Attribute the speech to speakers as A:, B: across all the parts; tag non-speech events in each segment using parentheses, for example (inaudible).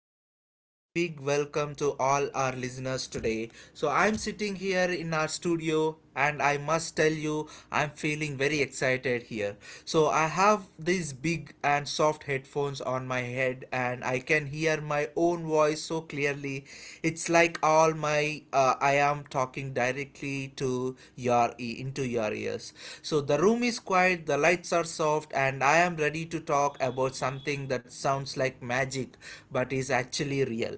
A: A very, very big welcome to all our listeners today. So, I'm sitting here in our studio, and I must tell you, I'm feeling very excited here. So, I have these big and soft headphones on my head, and I can hear my own voice so clearly. It's like all my I am talking directly to your into your ears. So the room is quiet, the lights are soft, and I am ready to talk about something that sounds like magic but is actually real.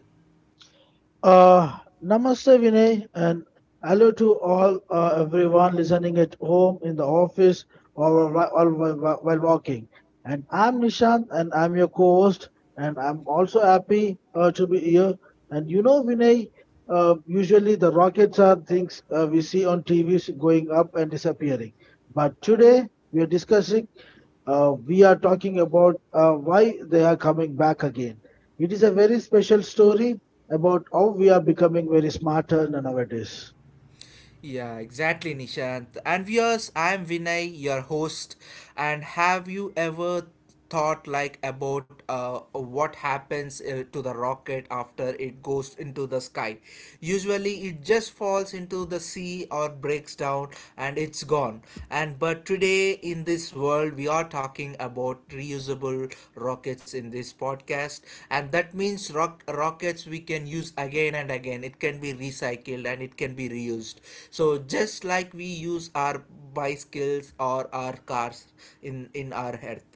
B: Uh, Namaste, Vinay, and hello to all everyone listening at home, in the office, or while walking. And I'm Nishant, and I'm your co-host, and I'm also happy to be here. And you know, Vinay, usually the rockets are things we see on TVs going up and disappearing, but today we are talking about why they are coming back again. It is a very special story about how we are becoming very smarter nowadays.
A: Yeah, exactly, Nishant. And viewers, I'm Vinay, your host. And have you ever thought like about what happens to the rocket after it goes into the sky? Usually, it just falls into the sea or breaks down, and it's gone. And but today in this world we are talking about reusable rockets in this podcast, and that means rockets we can use again and again. It can be recycled and it can be reused, so just like we use our bicycles or our cars in our earth.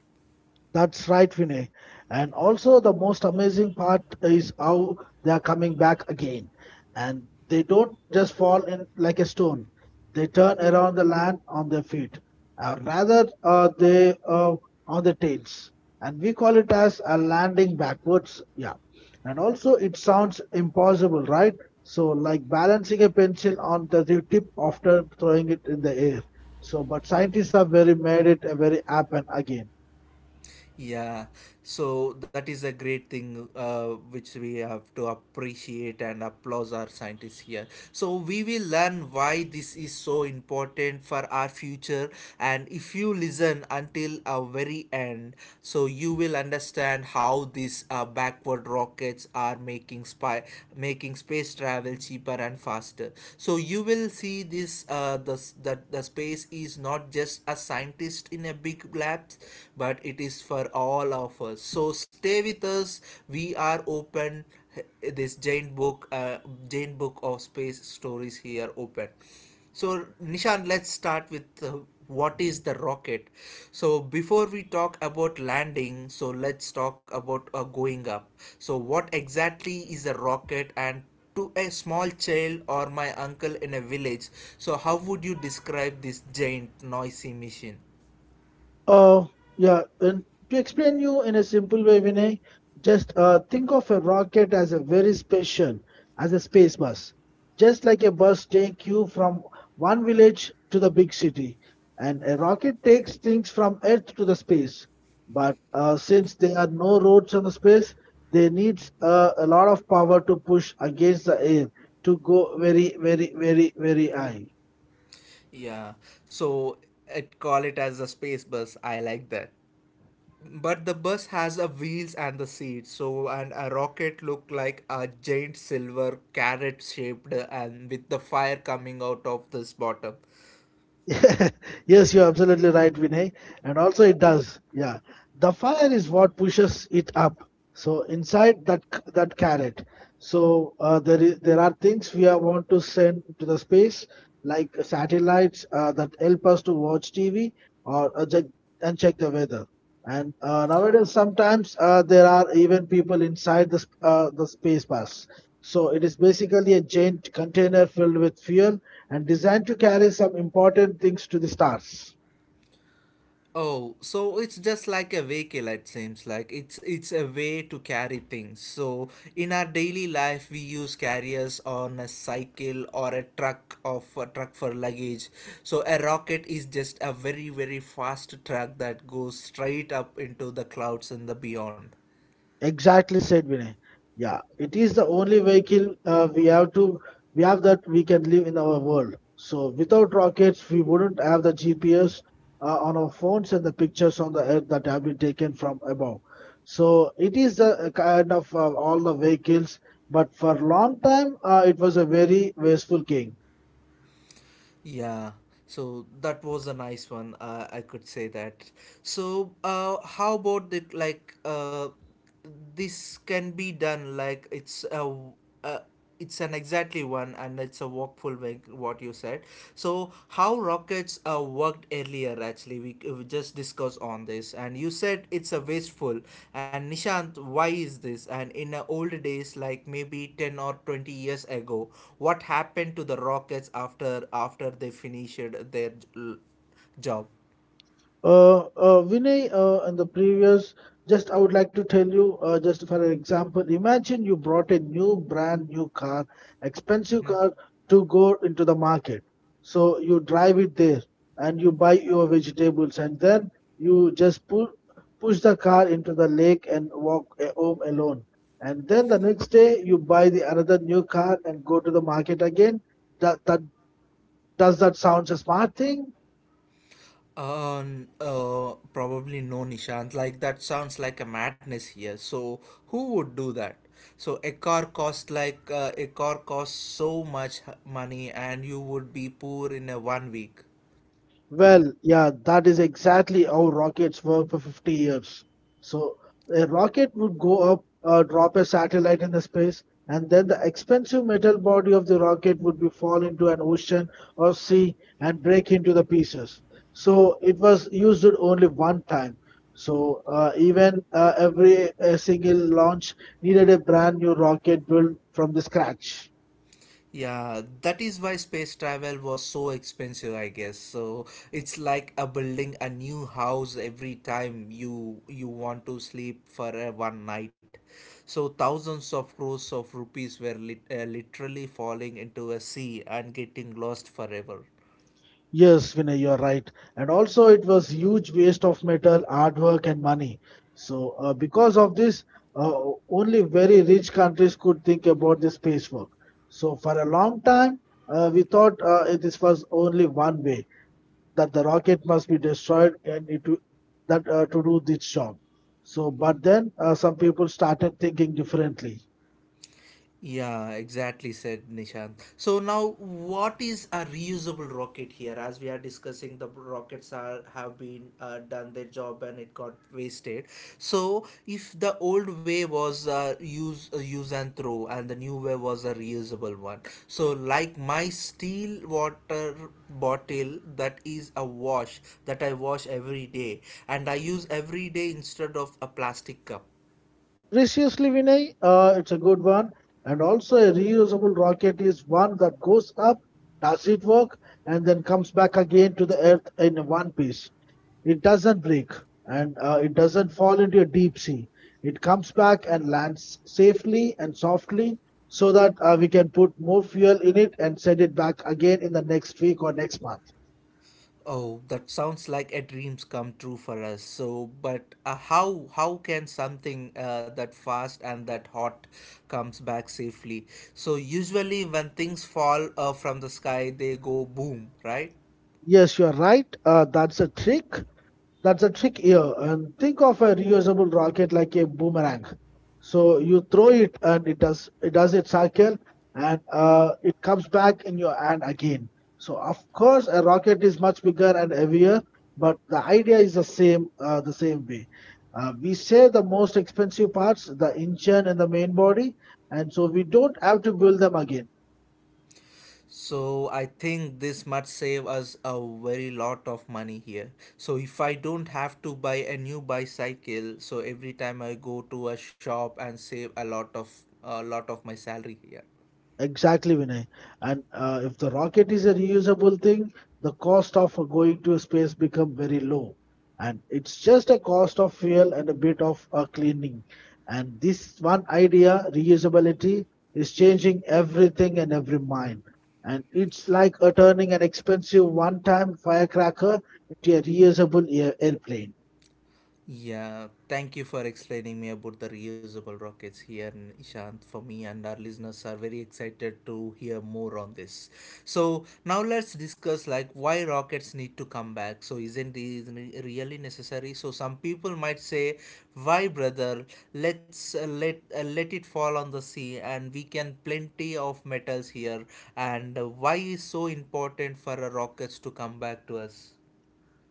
B: That's right, Vinay. And also, the most amazing part is how they are coming back again. And they don't just fall in like a stone, they turn around the land on their feet. Rather, they On their tails. And we call it as a landing backwards. Yeah. And also, it sounds impossible, right? So, like balancing a pencil on the tip after throwing it in the air. So, but scientists have very made it a very happen again.
A: Yeah, so that is a great thing which we have to appreciate and applaud our scientists here. So we will learn why this is so important for our future. And if you listen until a very end, so you will understand how these backward rockets are making spy making space travel cheaper and faster. So you will see that the space is not just a scientist in a big lab depth, but it is for all of us. So stay with us. We are open this giant book of space stories here open. So Nishan, let's start with what is the rocket. So before we talk about landing, so let's talk about going up. So what exactly is a rocket, and to a small child or my uncle in a village, so how would you describe this giant noisy machine?
B: Uh, yeah, and to explain you in a simple way, Vinay, just think of a rocket as a very station, as a space bus. Just like a bus take you from one village to the big city, and a rocket takes things from Earth to the space. But since there are no roads on the space, they needs a lot of power to push against the air to go very, very, very, very high.
A: Yeah, so it call it as a space bus. I like that. But the bus has a wheels and the seats, so and a rocket look like a giant silver carrot shaped and with the fire coming out of this bottom.
B: (laughs) Yes, you're absolutely right, Vinay. And also, it does. Yeah, the fire is what pushes it up. So inside that carrot, so there are things we are want to send to the space, like satellites that help us to watch TV or check the weather. And nowadays, sometimes there are even people inside the space bus. So it is basically a giant container filled with fuel and designed to carry some important things to the stars.
A: Oh, so it's just like a vehicle. It seems like it's a way to carry things. So in our daily life we use carriers on a cycle or a truck of a truck for luggage. So a rocket is just a very, very fast truck that goes straight up into the clouds and the beyond.
B: Exactly said Vinay. Yeah, it is the only vehicle we have that we can live in our world. So without rockets, we wouldn't have the GPS on our phones and the pictures on the earth that have been taken from above. So it is the kind of all the vehicles, but for long time it was a very wasteful thing.
A: Yeah, so that was a nice one. I could say that. So, how about it? This can be done. It's a, uh, it's an exactly one, and it's a walkful make what you said. So, how rockets worked earlier, actually we just discussed on this and you said it's a wasteful, and Nishant, why is this, and in the old days like maybe 10 or 20 years ago what happened to the rockets after they finished their job?
B: Vinay, in the previous, just I would like to tell you, just for an example, imagine you brought a new brand new car, expensive car, to go into the market. So you drive it there and you buy your vegetables, and then you just pull, push the car into the lake and walk home alone. And then the next day you buy the another new car and go to the market again. That, does that sounds a smart thing?
A: Probably no, Nishant. Like that sounds like a madness here. So who would do that? So a car costs so much money, and you would be poor in a 1 week.
B: Well, yeah, that is exactly how rockets work for 50 years. So a rocket would go up, drop a satellite in the space, and then the expensive metal body of the rocket would be fall into an ocean or sea and break into the pieces. So it was used only one time. So even every a single launch needed a brand new rocket built from the scratch.
A: Yeah, that is why space travel was so expensive, I guess. So it's like a building a new house every time you want to sleep for one night. So thousands of crores of rupees were literally falling into a sea and getting lost forever.
B: Yes, Vinay, you're right. And also, it was huge waste of metal, artwork, and money. So, because of this, uh, only very rich countries could think about the space work. So, for a long time, we thought this was only one way that the rocket must be destroyed and it w- that to do this job. So, but then some people started thinking differently.
A: Yeah, exactly said Nishant. So now what is a reusable rocket here? As we are discussing, the rockets are have been done their job and it got wasted. So if the old way was use and throw and the new way was a reusable one. So like my steel water bottle that is a wash, that I wash every day and I use every day instead of a plastic cup.
B: Preciously, Vinay, it's a good one. And also, a reusable rocket is one that goes up, does it work, and then comes back again to the Earth in one piece. It doesn't break and it doesn't fall into a deep sea. It comes back and lands safely and softly so that we can put more fuel in it and send it back again in the next week or next month.
A: Oh, that sounds like a dreams come true for us. So, but how can something that fast and that hot comes back safely? So usually when things fall from the sky, they go boom, right?
B: Yes, you're right. That's a trick here. And think of a reusable rocket like a boomerang. So you throw it and it does its cycle and it comes back in your hand again. So of course a rocket is much bigger and heavier, but the idea is the same way. We save the most expensive parts, the engine and the main body, and so we don't have to build them again.
A: So I think this might save us a very lot of money here. So if I don't have to buy a new bicycle, so every time I go to a shop and save a lot of my salary here.
B: Exactly, Vinay. And if the rocket is a reusable thing, the cost of going to space become very low. And it's just a cost of fuel and a bit of cleaning. And this one idea, reusability, is changing everything and every mind. And it's like turning an expensive one-time firecracker into a reusable airplane.
A: Yeah, thank you for explaining me about the reusable rockets here, Ishant. For me and our listeners are very excited to hear more on this. So now let's discuss like why rockets need to come back. So isn't this really necessary? So some people might say, "Why, brother? Let it fall on the sea, and we can plenty of metals here. And why is so important for a rockets to come back to us?"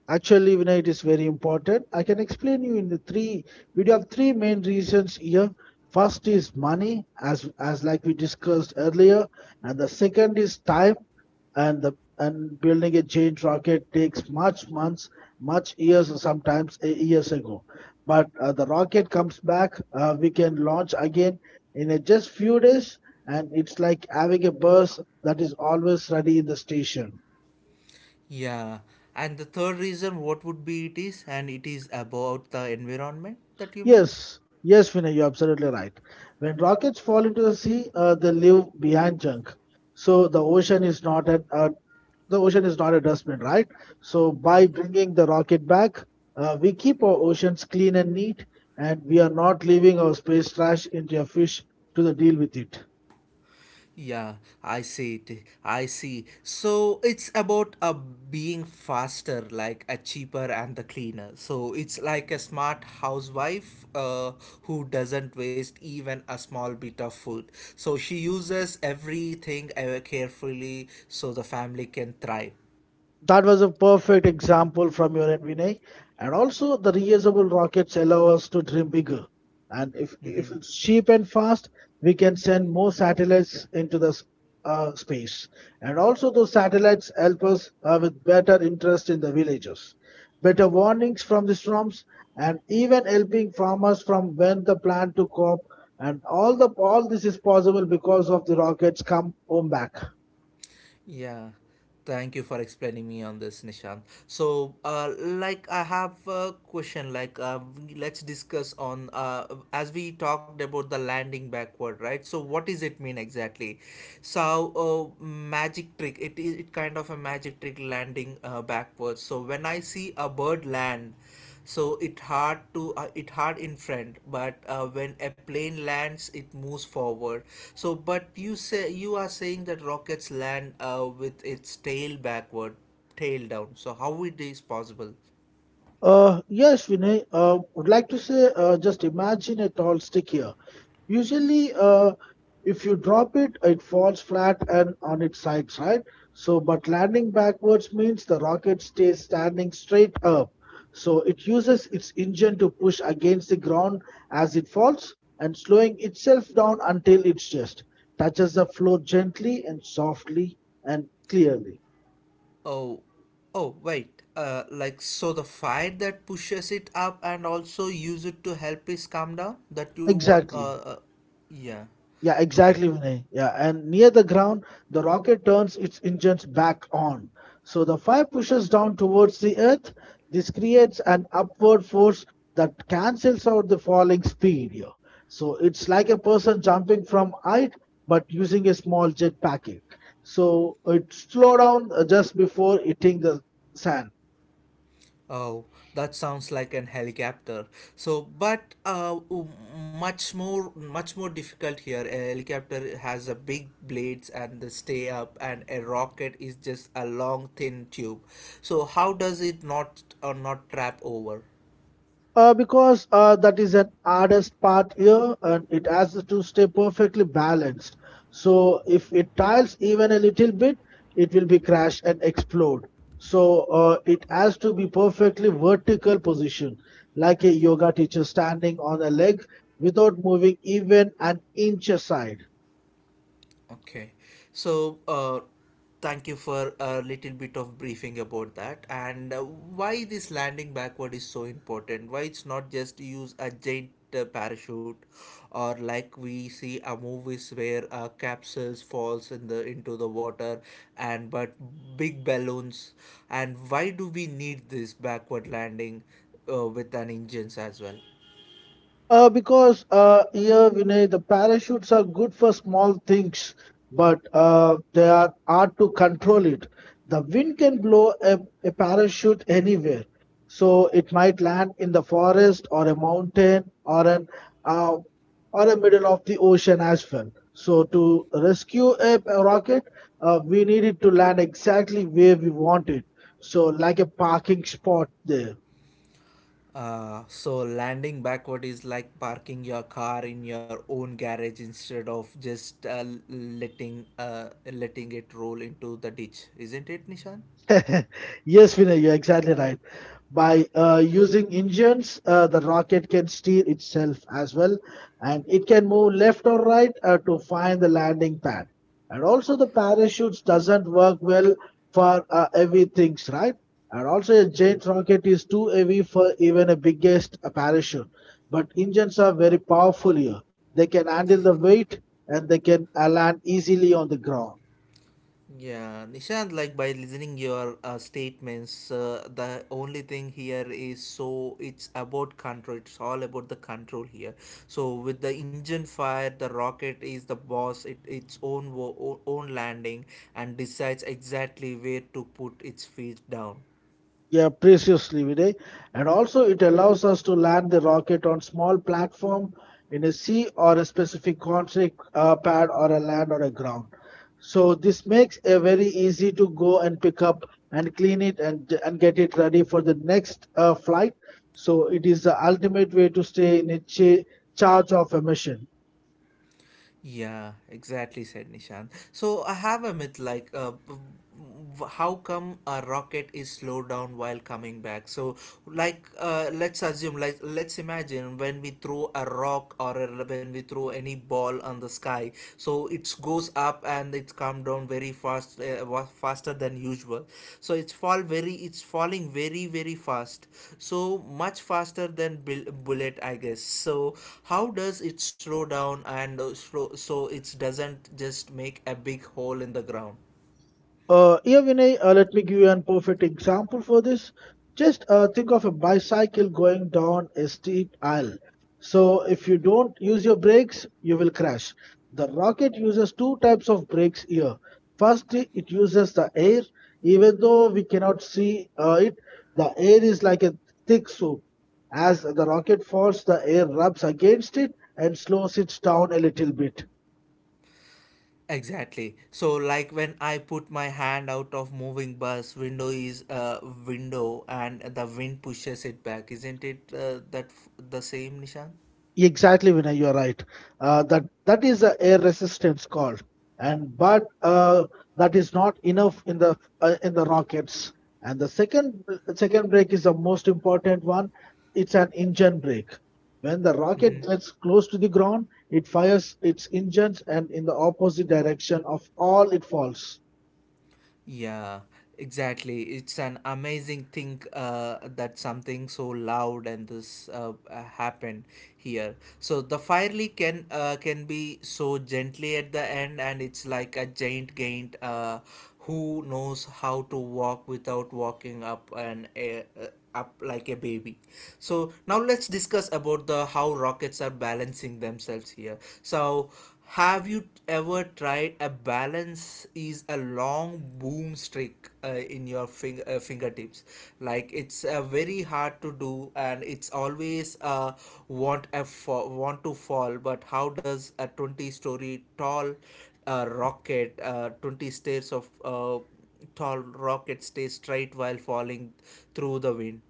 B: Actually, Vinay, it is very important. I can explain you in the three. We do have three main reasons here. First is money, as like we discussed earlier, and the second is time. And the and building a giant rocket takes much months, much years, or sometimes years ago. But the rocket comes back. We can launch again in a just few days, and it's like having a bus that is always ready in the station.
A: Yeah, and the third reason, what would be it is, and it is about the environment that you mean?
B: Yes, yes, Vinay, you're absolutely right. When rockets fall into the sea, they leave behind junk. So the ocean is not a dustbin, right? So by
A: Yeah.
B: bringing the rocket back, we keep our oceans clean and neat, and we are not leaving our space trash into a fish to the deal with it.
A: Yeah, I see it. I see. So it's about a being faster, like a cheaper and the cleaner. So it's like a smart housewife who doesn't waste even a small bit of food. So she uses everything ever carefully so the family can thrive.
B: That was a perfect example from your end, Vinay. And also, the reusable rockets allow us to dream bigger. And if
A: Mm-hmm.
B: it's cheap and fast, we can send more satellites into the s- space. And also, those satellites help us with better interest in the villages, better warnings from the storms, and even helping farmers from when the plant to crop. And all this is possible because of the rockets come home back.
A: Yeah, thank you for explaining me on this, Nishant. So, I have a question. Let's discuss on as we talked about the landing backward, right? So, what does it mean exactly? So, magic trick. It is it kind of a magic trick landing backwards. So, when I see a bird land, so it hard to it hard in front, but when a plane lands it moves forward, so but you say you are saying that rockets land with its tail backward, tail down, so how it is possible?
B: Yes, Vinay, would like to say just imagine a tall stick here. Usually, if you drop it, it falls flat and on its sides, right? So, but landing backwards means the rocket stays standing straight up. So, it uses its engine to push against the ground as it falls and slowing itself down until its just touches the floor gently and softly and clearly.
A: Oh, oh wait, like so the fire that pushes it up and also use it to help it calm down that you want
B: Exactly.
A: yeah.
B: Yeah,
A: Okay.
B: exactly, Vinay. Yeah, and near the ground, the rocket turns its engines back on. So the fire pushes down towards the earth. This creates an upward force that cancels out the falling speed. Yeah. So it's like a person jumping from height but using a small jetpack. So it slow down just before hitting the sand.
A: Oh, that sounds like an helicopter. So, but much more difficult here. A helicopter has a big blades and the stay up, and a rocket is just a long thin tube. So, how does it not or not trap over?
B: Because that is an hardest part here and it has to stay perfectly balanced. So if it tiles even a little bit, it will be crashed and explode. So it has to be perfectly vertical position, like a yoga teacher standing on a leg without moving even an inch aside.
A: Okay. So, thank you for a little bit of briefing about that and why this landing backward is so important. Why it's not just use a giant parachute or like we see a movies where capsules falls in the into the water and but big balloons, and why do we need this backward landing with an engines as well?
B: Because here, Vinay, the parachutes are good for small things, but they are hard to control it. The wind can blow a parachute anywhere. So it might land in the forest or a mountain or an uh, or a middle of the ocean as well. So to rescue a rocket, we need it to land exactly where we want it. So like a parking spot there.
A: So landing backward is like parking your car in your own garage instead of just letting it roll into the ditch, isn't it, Nishan?
B: (laughs) Yes, Vinay, you're exactly right. By using engines, the rocket can steer itself as well, and it can move left or right to find the landing pad. And also, the parachutes doesn't work well for heavy things, right? And also, a jet rocket is too heavy for even a biggest parachute. But engines are very powerful here. They can handle the weight and they can land easily on the ground.
A: Yeah, Nishant, like by listening your statements, the only thing here is so it's about control. It's all about the control here. So with the engine fire, the rocket is the boss. It its own own landing and decides exactly where to put its feet down.
B: Yeah, preciously, Vinay. And also, it allows us to land the rocket on small platform in a sea or a specific concrete pad or a land or a ground. So this makes it very easy to go and pick up and clean it and get it ready for the next flight. So it is the ultimate way to stay in a charge of a mission.
A: Yeah, exactly said Nishan. So I have a myth like how come a rocket is slowed down while coming back? So like let's assume like let's imagine when we throw a rock or a, when we throw any ball on the sky, so it goes up and it's come down very fast faster than usual, so it's falling very, very fast, so much faster than bullet, I guess. So how does it slow down and slow so it doesn't just make a big hole in the ground?
B: Yeah, Vinay, let me give you an perfect example for this. Just think of a bicycle going down a steep aisle. So, if you don't use your brakes, you will crash. The rocket uses two types of brakes here. First, it uses the air. Even though we cannot see it, the air is like a thick soup. As the rocket falls, the air rubs against it and slows it down a little bit.
A: Exactly. So, like when I put my hand out of moving bus, window is a window, and the wind pushes it back. Isn't it the same, Nishan?
B: Exactly, Vinay, you are right. That is a air resistance called, and but that is not enough in the rockets. And the second brake is the most important one. It's an engine brake. When the rocket gets close to the ground, it fires its engines and in the opposite direction of all it falls.
A: Yeah, exactly. It's an amazing thing that something so loud and this happened here. So the fire leak can be so gently at the end, and it's like a giant gained who knows how to walk without walking up and up like a baby. So now let's discuss about the how rockets are balancing themselves here. So have you ever tried a balance is a long boom stick in your fingertips? Like it's very hard to do, and it's always want to fall. But how does a 20-story tall rocket, 20 stairs of tall rocket, stay straight while falling through the wind?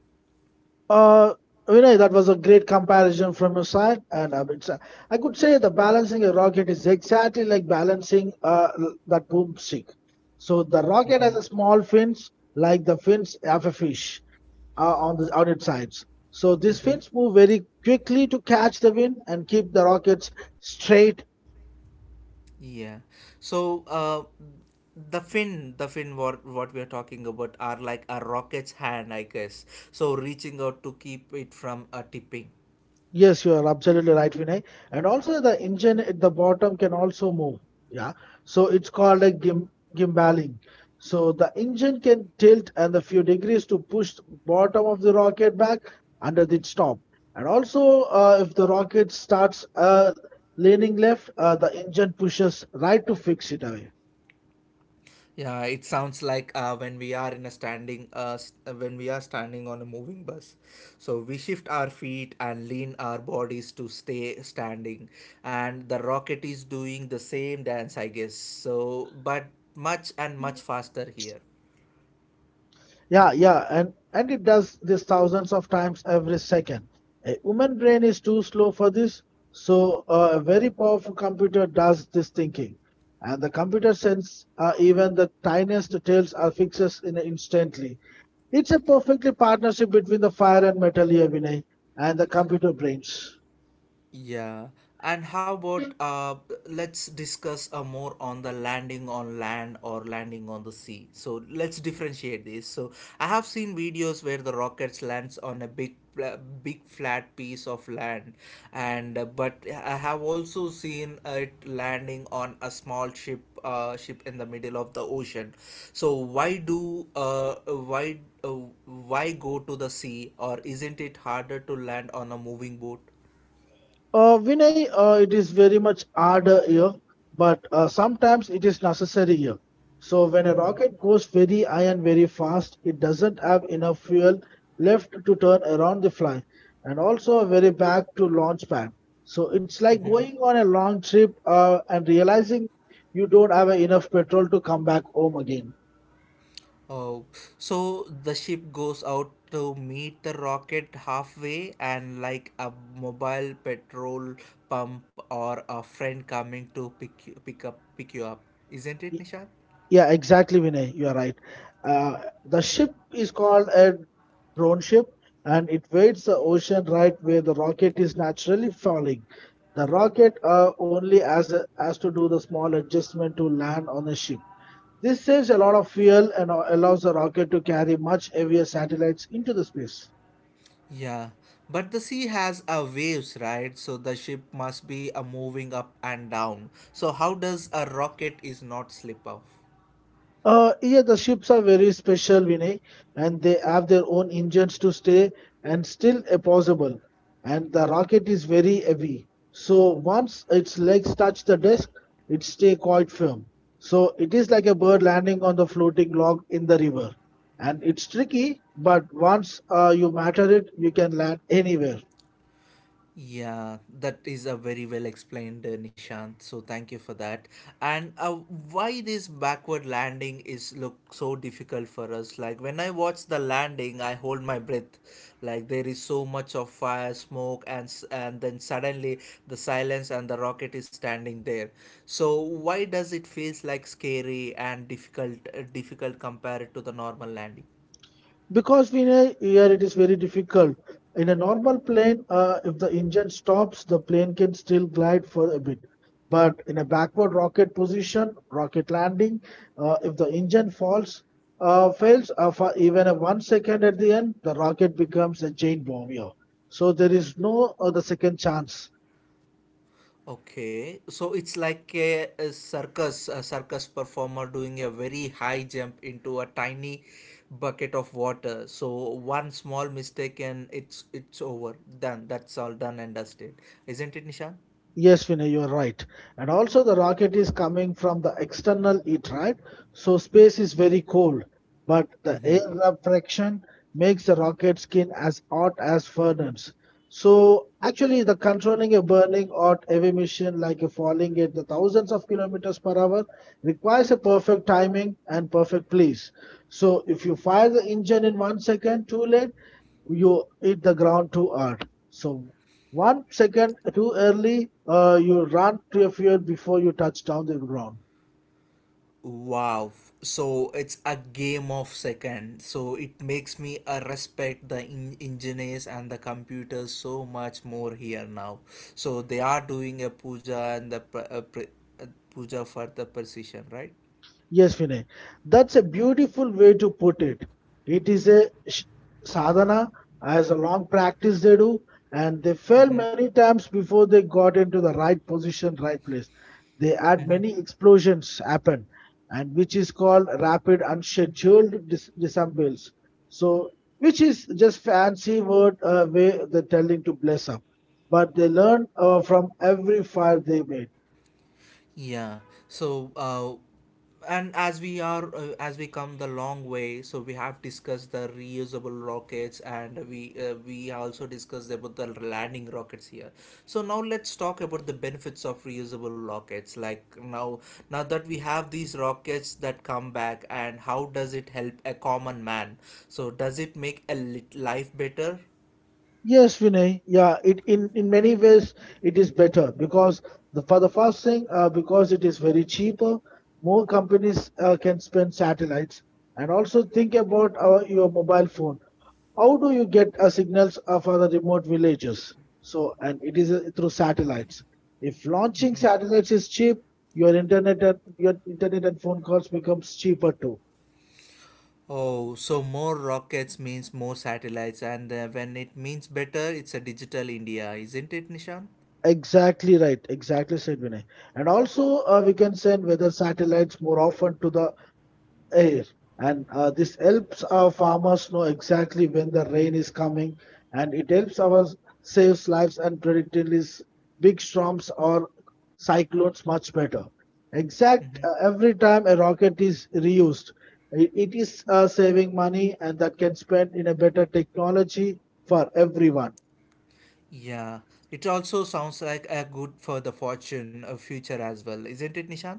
B: Uh, Vinay, that was a great comparison from your side, and I could say the balancing a rocket is exactly like balancing that boomstick. So the rocket
A: Mm-hmm.
B: has a small fins, like the fins of a fish, on the on its sides. So these
A: Mm-hmm.
B: fins move very quickly to catch the wind and keep the rockets straight.
A: Yeah. So the fin, what we are talking about are like a rocket's hand, I guess. So reaching out to keep it from a tipping.
B: Yes, you are absolutely right, Vinay. And also the engine at the bottom can also move. Yeah. So it's called a gimbaling. So the engine can tilt and a few degrees to push the bottom of the rocket back under its top. And also, if the rocket starts leaning left, the engine pushes right to fix it away.
A: Yeah, it sounds like when we are in a standing, when we are standing on a moving bus. So we shift our feet and lean our bodies to stay standing, and the rocket is doing the same dance, I guess. So, but much and much faster here.
B: Yeah, yeah, and it does this thousands of times every second. A human brain is too slow for this, so a very powerful computer does this thinking, and the computer sends even the tiniest details are fixes in instantly. It's a perfectly partnership between the fire and metal here, Vinay, and the computer brains.
A: Yeah, and how about let's discuss more on the landing on land or landing on the sea. So let's differentiate this. So I have seen videos where the rockets lands on a big, uh, big flat piece of land, and but I have also seen it landing on a small ship, ship in the middle of the ocean. So why do uh, why go to the sea, or isn't it harder to land on a moving boat?
B: Vinay, it is very much harder here, but sometimes it is necessary here. So when a rocket goes very high and very fast, it doesn't have enough fuel left to turn around the fly, and also a very back to launch pad. So it's like going on a long trip and realizing you don't have enough petrol to come back home again.
A: Oh, so the ship goes out to meet the rocket halfway, and like a mobile petrol pump or a friend coming to pick you up, isn't it, Nishad?
B: Yeah, exactly, Vinay. You are right. Uh, the ship is called a drone ship, and it wades the ocean right where the rocket is naturally falling. The rocket only has, a, has to do the small adjustment to land on the ship. This saves a lot of fuel and allows the rocket to carry much heavier satellites into the space.
A: Yeah, but the sea has a waves, right? So the ship must be a moving up and down. So how does a rocket is not slip off?
B: Yeah, the ships are very special, Vinay, and they have their own engines to stay and still a possible. And the rocket is very heavy, so once its legs touch the desk, it stay quite firm. So it is like a bird landing on the floating log in the river, and it's tricky. But once you matter it, you can land anywhere.
A: Yeah, that is a very well explained, Nishant. So thank you for that. And why this backward landing is look so difficult for us? Like when I watch the landing, I hold my breath. Like there is so much of fire, smoke, and then suddenly the silence and the rocket is standing there. So why does it feels like scary and difficult, difficult compared to the normal landing?
B: Because we know here it is very difficult. In a normal plane, if the engine stops, the plane can still glide for a bit. But in a backward rocket position, rocket landing, if the engine falls, fails for even a 1 second at the end, the rocket becomes a giant bomb. Yeah. So there is no other second chance.
A: Okay, so it's like a circus, a circus performer doing a very high jump into a tiny bucket of water. So one small mistake and it's over. Done. That's all done and dusted. Isn't it, Nishan?
B: Yes, Vinay, you're right. And also, the rocket is coming from the external heat, right? So, space is very cold, but the
A: Mm-hmm.
B: air refraction makes the rocket skin as hot as furnace. So, actually, the controlling a burning hot heavy mission like a falling at the thousands of kilometers per hour requires a perfect timing and perfect place. So, if you fire the engine in 1 second too late, you hit the ground too hard. So 1 second too early, you run to a field before you touch down the ground.
A: Wow. So it's a game of seconds. So it makes me respect the engineers and the computers so much more here now. So they are doing a puja and uh, puja for the precision, right?
B: Yes, Vinay. That's a beautiful way to put it. It is a sadhana, as a long practice they do, and they fail
A: Mm-hmm.
B: many times before they got into the right position, right place. They had many
A: (laughs)
B: explosions happen, and which is called rapid unscheduled disassembles. So, which is just fancy word way they're telling to bless up, but they learn from every fire they made.
A: Yeah. So, and as we are as we come the long way, so we have discussed the reusable rockets, and we also discussed about the landing rockets here. So now let's talk about the benefits of reusable rockets. Like now, now that we have these rockets that come back, and how does it help a common man? So does it make life better?
B: Yes, Vinay. Yeah, it in many ways it is better because the for the first thing, because it is very cheaper, more companies can spend satellites. And also think about our, your mobile phone. How do you get signals for the remote villages? So, and it is through satellites. If launching
A: Mm-hmm.
B: satellites is cheap, your internet and phone calls becomes cheaper too.
A: Oh, so more rockets means more satellites, and when it means better, it's a digital India, isn't it, Nishan?
B: Exactly right. Exactly said Vinay. And also, we can send weather satellites more often to the air, and this helps our farmers know exactly when the rain is coming, and it helps our saves lives and predicting these big storms or cyclones much better. Exact
A: Mm-hmm.
B: Every time a rocket is reused, it is saving money and that can spend in a better technology for everyone.
A: Yeah, it also sounds like a good for the fortune of future as well, isn't it, Nishan?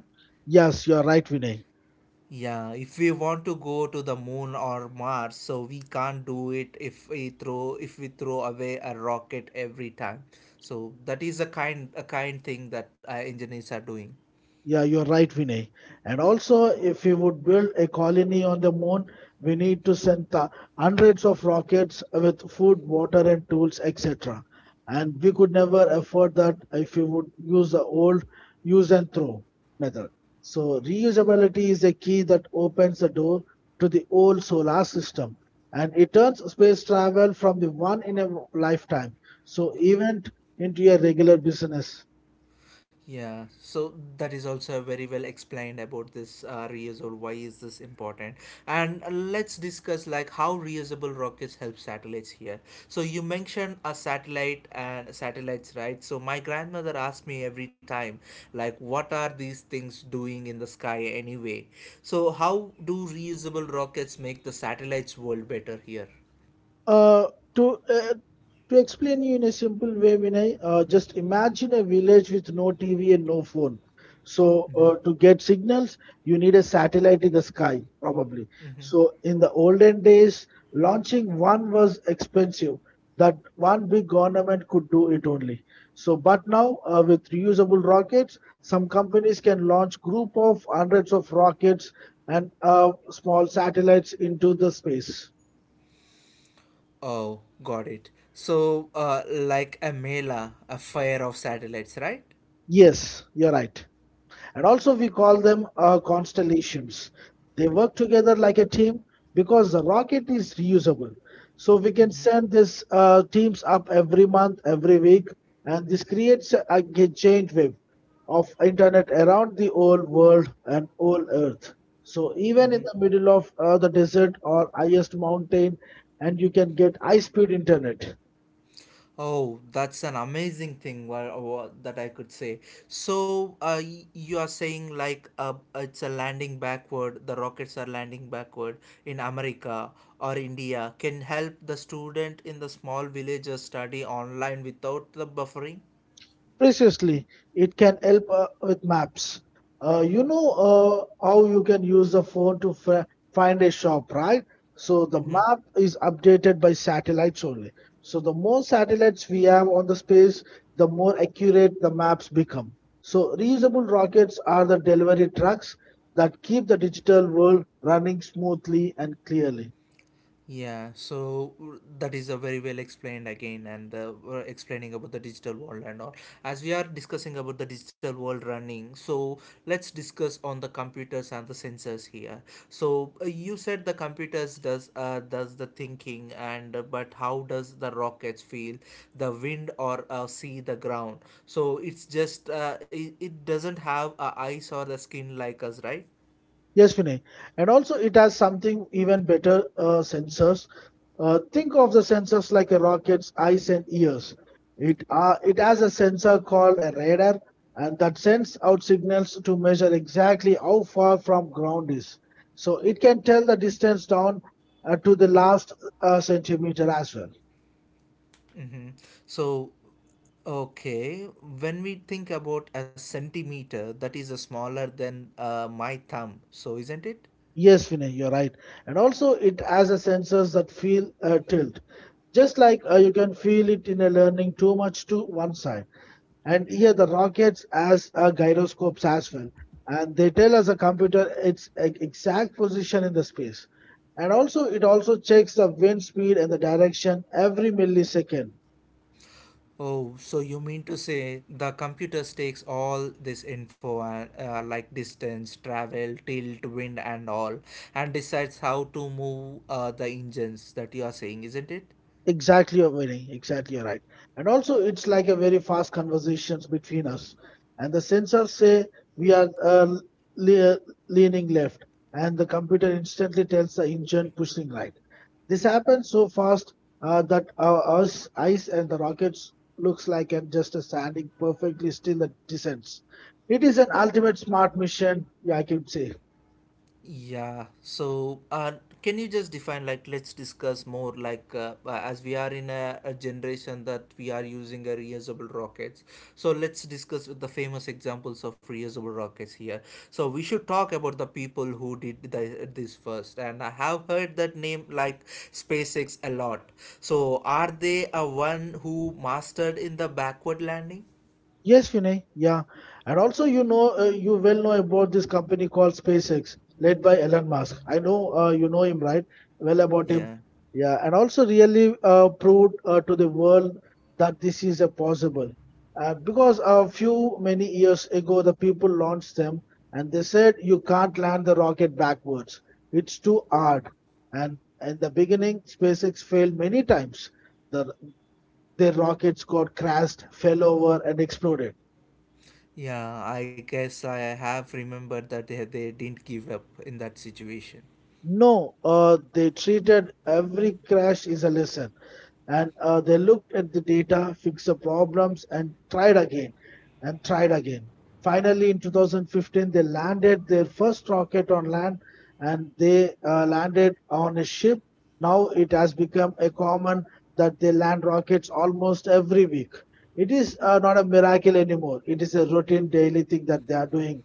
B: Yes, you are right, Vinay.
A: Yeah, if we want to go to the moon or Mars, so we can't do it if we throw away a rocket every time. So that is a kind thing that engineers are doing.
B: Yeah, you're right, Vinay. And also, if we would build a colony on the moon, we need to send hundreds of rockets with food, water, and tools, etc. And we could never afford that if we would use the old use and throw method. So, reusability is a key that opens the door to the old solar system, and it turns space travel from the one in a lifetime, so event into a regular business.
A: Yeah, so that is also very well explained about this reusable. Why is this important? And let's discuss like how reusable rockets help satellites here. So you mentioned a satellite and satellites, right? So my grandmother asked me every time, like, what are these things doing in the sky anyway? So how do reusable rockets make the satellites world better here?
B: Uh, to uh, to explain you in a simple way, Vinay, just imagine a village with no TV and no phone. So
A: Mm-hmm.
B: to get signals, you need a satellite in the sky, probably.
A: Mm-hmm.
B: So in the olden days, launching one was expensive. That one big government could do it only. So, but now with reusable rockets, some companies can launch group of hundreds of rockets and small satellites into the space.
A: Oh, got it. So, like a mela, a fire of satellites, right?
B: Yes, you're right. And also, we call them constellations. They work together like a team because the rocket is reusable. So we can send these teams up every month, every week, and this creates a giant web of internet around the whole world and whole earth. So even in
A: Hmm.
B: the middle of the desert or highest mountain, and you can get high-speed internet.
A: Oh, that's an amazing thing that I could say. So, you are saying like it's a landing backward, the rockets are landing backward in America or India can help the student in the small villages study online without the buffering?
B: Preciously, it can help with maps. You know how you can use the phone to find a shop, right? So the map is updated by satellites only. So the more satellites we have on the space, the more accurate the maps become. So reusable rockets are the delivery trucks that keep the digital world running smoothly and clearly.
A: Yeah, so that is a very well explained again, and we're explaining about the digital world and all. As we are discussing about the digital world running, so let's discuss on the computers and the sensors here. So you said the computers does the thinking, and but how does the rockets feel the wind or see the ground? So it's just it doesn't have eyes or the skin like us, right?
B: Yes, Vinay. And also, it has something even better sensors. Think of the sensors like a rocket's eyes and ears. It has a sensor called a radar, and that sends out signals to measure exactly how far from ground is. So it can tell the distance down to the last centimeter as well.
A: Mm-hmm. So, okay, when we think about a centimeter, that is a smaller than my thumb, so isn't it?
B: Yes, Vinay, you're right. And also, it has a sensors that feel a tilt. Just like you can feel it in a learning too much to one side. And here the rockets as gyroscopes as well. And they tell us a computer its exact position in the space. And also, it also checks the wind speed and the direction every millisecond.
A: Oh, so you mean to say the computer takes all this info like distance, travel, tilt, wind, and all, and decides how to move the engines that you are saying, isn't it?
B: Exactly, you're right. And also, it's like a very fast conversations between us, and the sensors say we are le- leaning left, and the computer instantly tells the engine pushing right. This happens so fast that our us eyes and the rockets looks like and just a standing perfectly still that descends. It is an ultimate smart mission, yeah, I can say.
A: Yeah, so can you just define, like, let's discuss more, like, as we are in a generation that we are using a reusable rockets. So let's discuss with the famous examples of reusable rockets here. So we should talk about the people who did this first, and I have heard that name like SpaceX a lot. So are they a one who mastered in the backward landing?
B: Yes, Vinay. Yeah. And also, you know, you well know about this company called SpaceX, led by Elon Musk. I know you know him, right? Well about him.
A: Yeah.
B: Yeah. And also, really proved to the world that this is a possible. Because a few many years ago, the people launched them and they said you can't land the rocket backwards. It's too hard. And in the beginning, SpaceX failed many times. The, their rockets got crashed, fell over, and exploded.
A: Yeah, I guess I have remembered that they didn't give up in that situation.
B: No, they treated every crash as a lesson, and they looked at the data, fixed the problems, and tried again, and tried again. Finally, in 2015, they landed their first rocket on land, and they landed on a ship. Now it has become a common that they land rockets almost every week. It is not a miracle anymore. It is a routine daily thing that they are doing.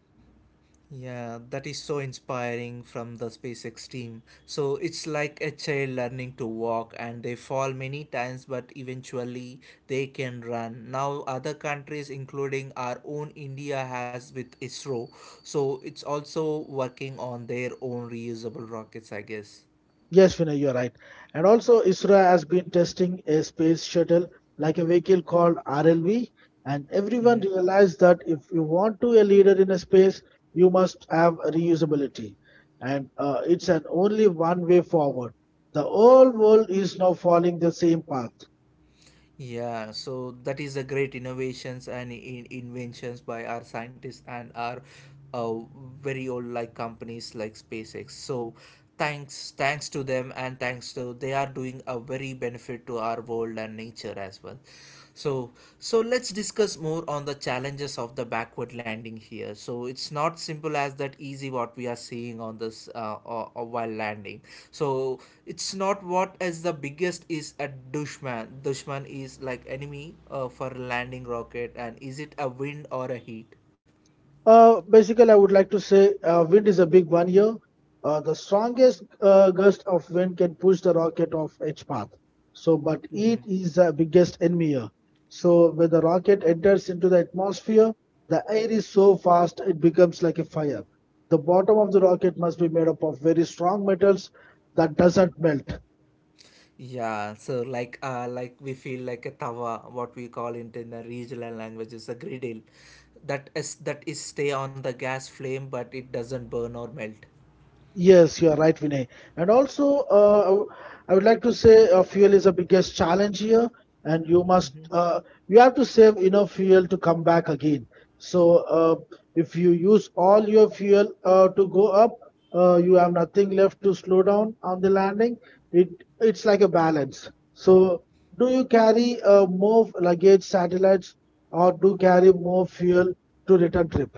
A: Yeah, that is so inspiring from the SpaceX team. So it's like a child learning to walk and they fall many times but eventually they can run. Now other countries including our own India has with ISRO. So it's also working on their own reusable rockets, I guess.
B: Yes, Vinay, you're right. And also, ISRO has been testing a space shuttle like a vehicle called RLV, and everyone
A: Mm-hmm.
B: realized that if you want to a leader in a space, you must have reusability. And it's an only one way forward. The whole world is now following the same path.
A: Yeah, so that is a great innovations and in inventions by our scientists and our uh, very old like companies like SpaceX. So thanks to them and thanks to they are doing a very benefit to our world and nature as well. So, so let's discuss more on the challenges of the backward landing here. So it's not simple as that easy what we are seeing on this or while landing. So it's not what as the biggest is a dushman. Dushman is like enemy for landing rocket, and is it a wind or a heat?
B: Basically, I would like to say wind is a big one here. The strongest gust of wind can push the rocket off its path. So, but it
A: Hmm.
B: is the biggest enemy here. So, when the rocket enters into the atmosphere, the air is so fast it becomes like a fire. The bottom of the rocket must be made up of very strong metals that doesn't melt.
A: Yeah, so like we feel like a tawa, what we call it in the regional language is a griddle. That is stay on the gas flame but it doesn't burn or melt.
B: Yes, you are right, Vinay. And also, I would like to say fuel is the biggest challenge here, and
A: Mm-hmm.
B: you have to save enough fuel to come back again. So, if you use all your fuel to go up, you have nothing left to slow down on the landing. It it's like a balance. So, do you carry more luggage, satellites, or do carry more fuel to return trip?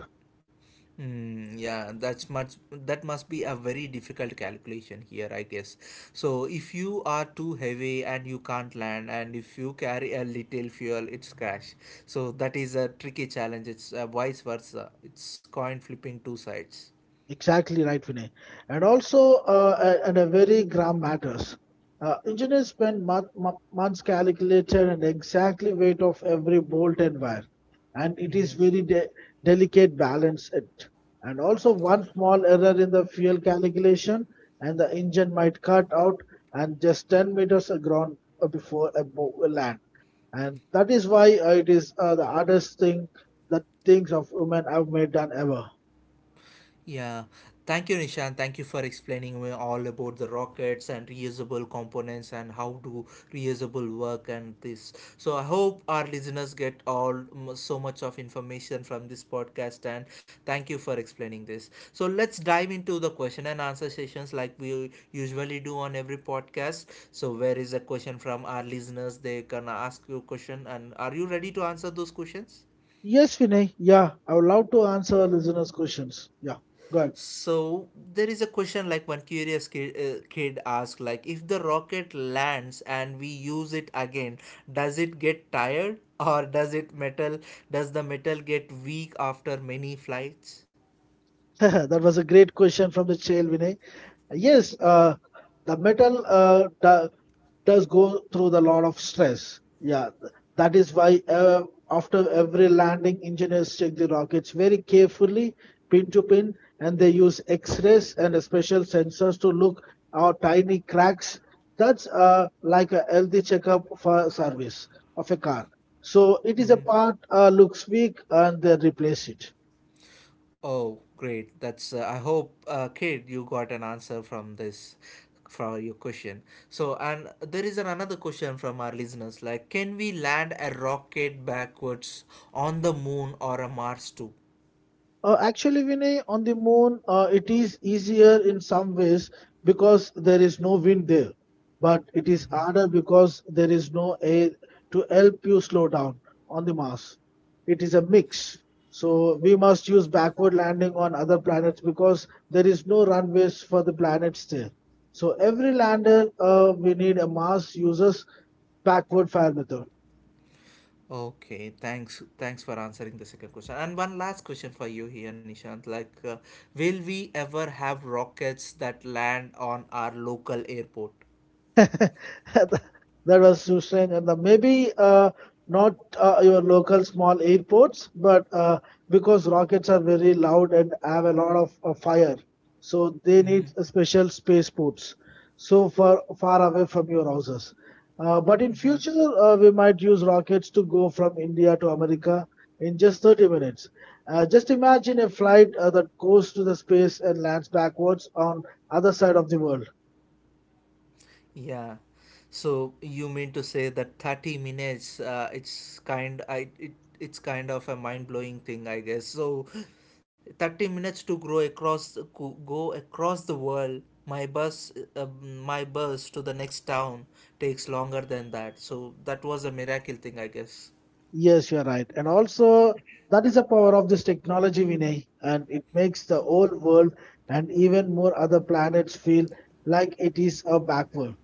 A: Mm, yeah, that's much. That must be a very difficult calculation here, I guess. So if you are too heavy and you can't land, and if you carry a little fuel, it's crash. So that is a tricky challenge. It's vice versa. It's coin flipping two sides.
B: Exactly right, Vinay. And also, and a very gram matters. Engineers spend months calculating and exactly weight of every bolt and wire, and it is very delicate balance it. And also, one small error in the fuel calculation, and the engine might cut out and just 10 meters aground before a land. And that is why it is the hardest thing that things of women have made done ever.
A: Yeah, thank you, Nishan. Thank you for explaining me all about the rockets and reusable components and how do reusable work and this. So I hope our listeners get so much of information from this podcast and thank you for explaining this. So let's dive into the question and answer sessions like we usually do on every podcast. So where is a question from our listeners? They can ask you a question and are you ready to answer those questions?
B: Yes, Vinay. Yeah, I would love to answer our listeners' questions. Yeah, go
A: So there is a question like one kid asked like if the rocket lands and we use it again does it get tired or does the metal get weak after many flights?
B: ahead. (laughs) That was a great question from the chair, Vinay. Yes, the metal does go through the lot of stress. Yeah, that is why after every landing, engineers check the rockets very carefully, pin to pin, and they use X-rays and special sensors to look out tiny cracks. That's like a healthy checkup for service of a car. So it is a part looks weak and they replace it.
A: Oh great that's I hope kid you got an answer from this for your question. So and there is an another question from our listeners like can we land a rocket backwards on the moon or a Mars too?
B: Actually, Vinay, on the moon, it is easier in some ways because there is no wind there, but it is
A: Mm-hmm.
B: harder because there is no air to help you slow down on the Mars. It is a mix. So we must use backward landing on other planets because there is no runways for the planets there. So every lander, we need a Mars uses backward fire method.
A: Okay, thanks. Thanks for answering the second question. And one last question for you here, Nishant. Like, will we ever have rockets that land on our local airport?
B: (laughs) That was Susan, and the maybe not your local small airports, but because rockets are very loud and have a lot of fire, so they need a special spaceports, so far far away from your houses. But in future, we might use rockets to go from India to America in just 30 minutes. Just imagine a flight that goes to the space and lands backwards on other side of the world.
A: Yeah. So you mean to say that 30 minutes, it's kind of a mind-blowing thing, I guess. So 30 minutes to grow across go go across the world. My bus to the next town takes longer than that. So that was a miracle thing, I guess.
B: Yes, you're right. And also, that is the power of this technology, Vinay. And it makes the whole world and even more other planets feel like it is a backward.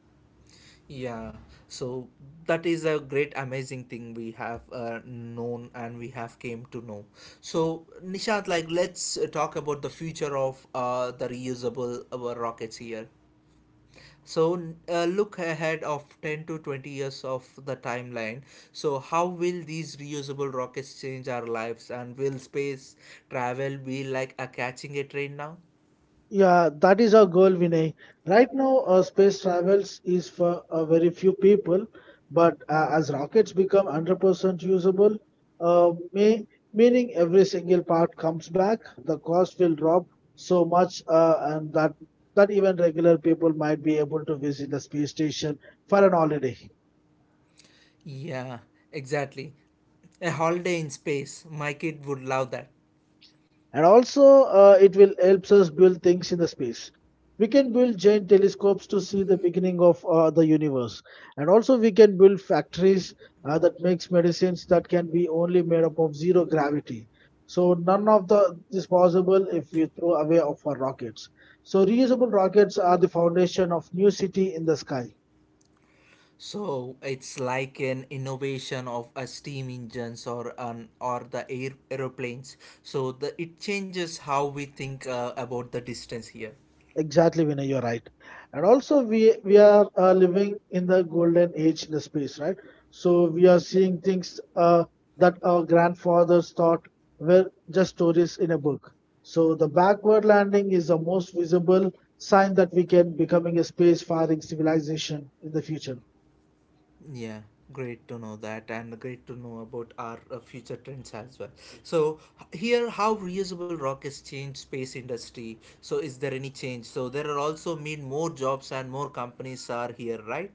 A: Yeah, so that is a great amazing thing we have known and we have came to know. So Nishant, like let's talk about the future of the reusable rockets here. So look ahead of 10 to 20 years of the timeline. So how will these reusable rockets change our lives and will space travel be like a catching a train now?
B: Yeah, that is our goal, Vinay. Right now, space travels is for a very few people, but as rockets become 100% usable, uh, may, meaning every single part comes back, the cost will drop so much, and that even regular people might be able to visit the space station for an holiday.
A: Yeah, exactly. A holiday in space. My kid would love that.
B: And also it will helps us build things in the space. We can build giant telescopes to see the beginning of the universe, and also we can build factories that makes medicines that can be only made up of zero gravity. So none of the is possible if we throw away of our rockets. So reusable rockets are the foundation of new city in the sky.
A: So it's like an innovation of a steam engines or an or the air aeroplanes. So the it changes how we think about the distance here.
B: Exactly, Vinay, you're right. And also, we are living in the golden age in the space, right? So we are seeing things that our grandfathers thought were just stories in a book. So the backward landing is the most visible sign that we can becoming a space-faring civilization in the future.
A: Yeah, great to know that, and great to know about our future trends as well. So here, how reusable rockets change space industry. So is there any change? So there are also mean more jobs and more companies are here, right?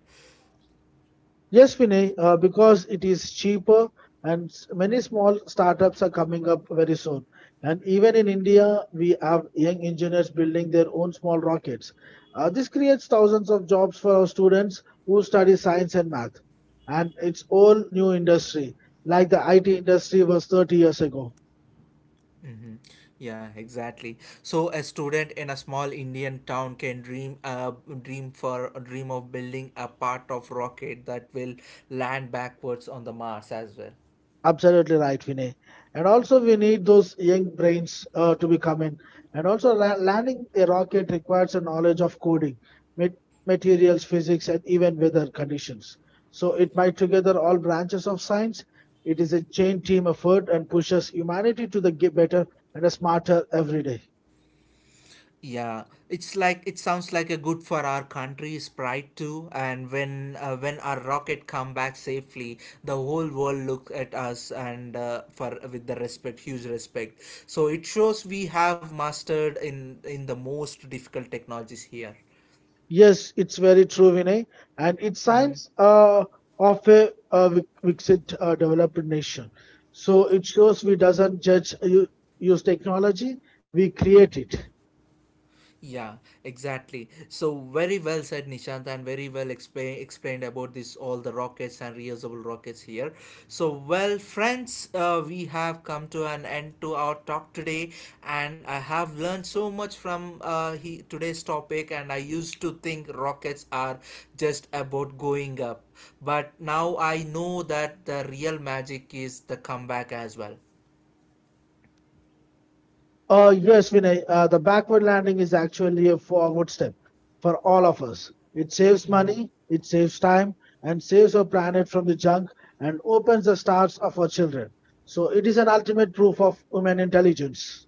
B: Yes, Vinay, because it is cheaper and many small startups are coming up very soon. And even in India, we have young engineers building their own small rockets. This creates thousands of jobs for our students who study science and math. And it's all new industry, like the IT industry was 30 years ago.
A: Mhm. Yeah, exactly. So a student in a small Indian town can dream of building a part of rocket that will land backwards on the Mars as well.
B: Absolutely right, Vinay. And also, we need those young brains to become in. And also, landing a rocket requires a knowledge of coding, mat- materials, physics, and even weather conditions. So, it might together all branches of science. It is a chain team effort and pushes humanity to the better and a smarter every day.
A: Yeah, it's like it sounds like a good for our country's pride too. And when our rocket come back safely, the whole world look at us and for with the respect, huge respect. So it shows we have mastered in the most difficult technologies here.
B: Yes, it's very true, Vinay, and it's signs of a, Vixit developed nation. So it shows we doesn't judge use technology, we create it.
A: Yeah, exactly. So very well said, Nishant, and very well explained about this all the rockets and reusable rockets here. So well, friends, we have come to an end to our talk today, and I have learned so much from today's topic. And I used to think rockets are just about going up, but now I know that the real magic is the comeback as well.
B: Yes, Vinay, the backward landing is actually a forward step for all of us. It saves money, it saves time, and saves our planet from the junk and opens the stars of our children. So it is an ultimate proof of human intelligence.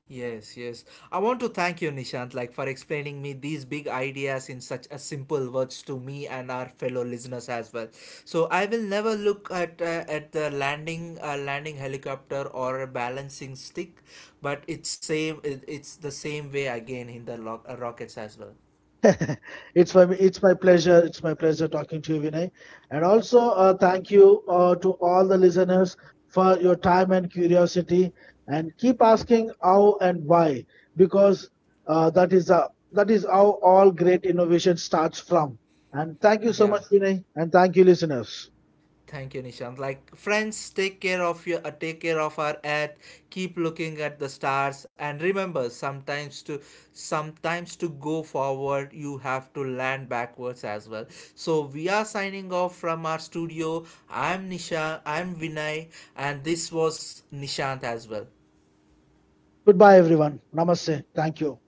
A: Yes, yes. I want to thank you, Nishant, like for explaining me these big ideas in such a simple words to me and our fellow listeners as well. So I will never look at at the landing helicopter or a balancing stick, but it's the same way again in the rockets as well.
B: (laughs) It's my pleasure. It's my pleasure talking to you, Vinay. And also, thank you to all the listeners for your time and curiosity. And keep asking how and why, because that is how all great innovation starts from. And thank you so
A: Yeah.
B: much, Vinay. And thank you, listeners.
A: Thank you, Nishant. Like friends, take care of your take care of our earth. Keep looking at the stars, and remember, sometimes to go forward, you have to land backwards as well. So we are signing off from our studio. I'm Nisha. I'm Vinay, and this was Nishant as well.
B: Goodbye, everyone. Namaste. Thank you.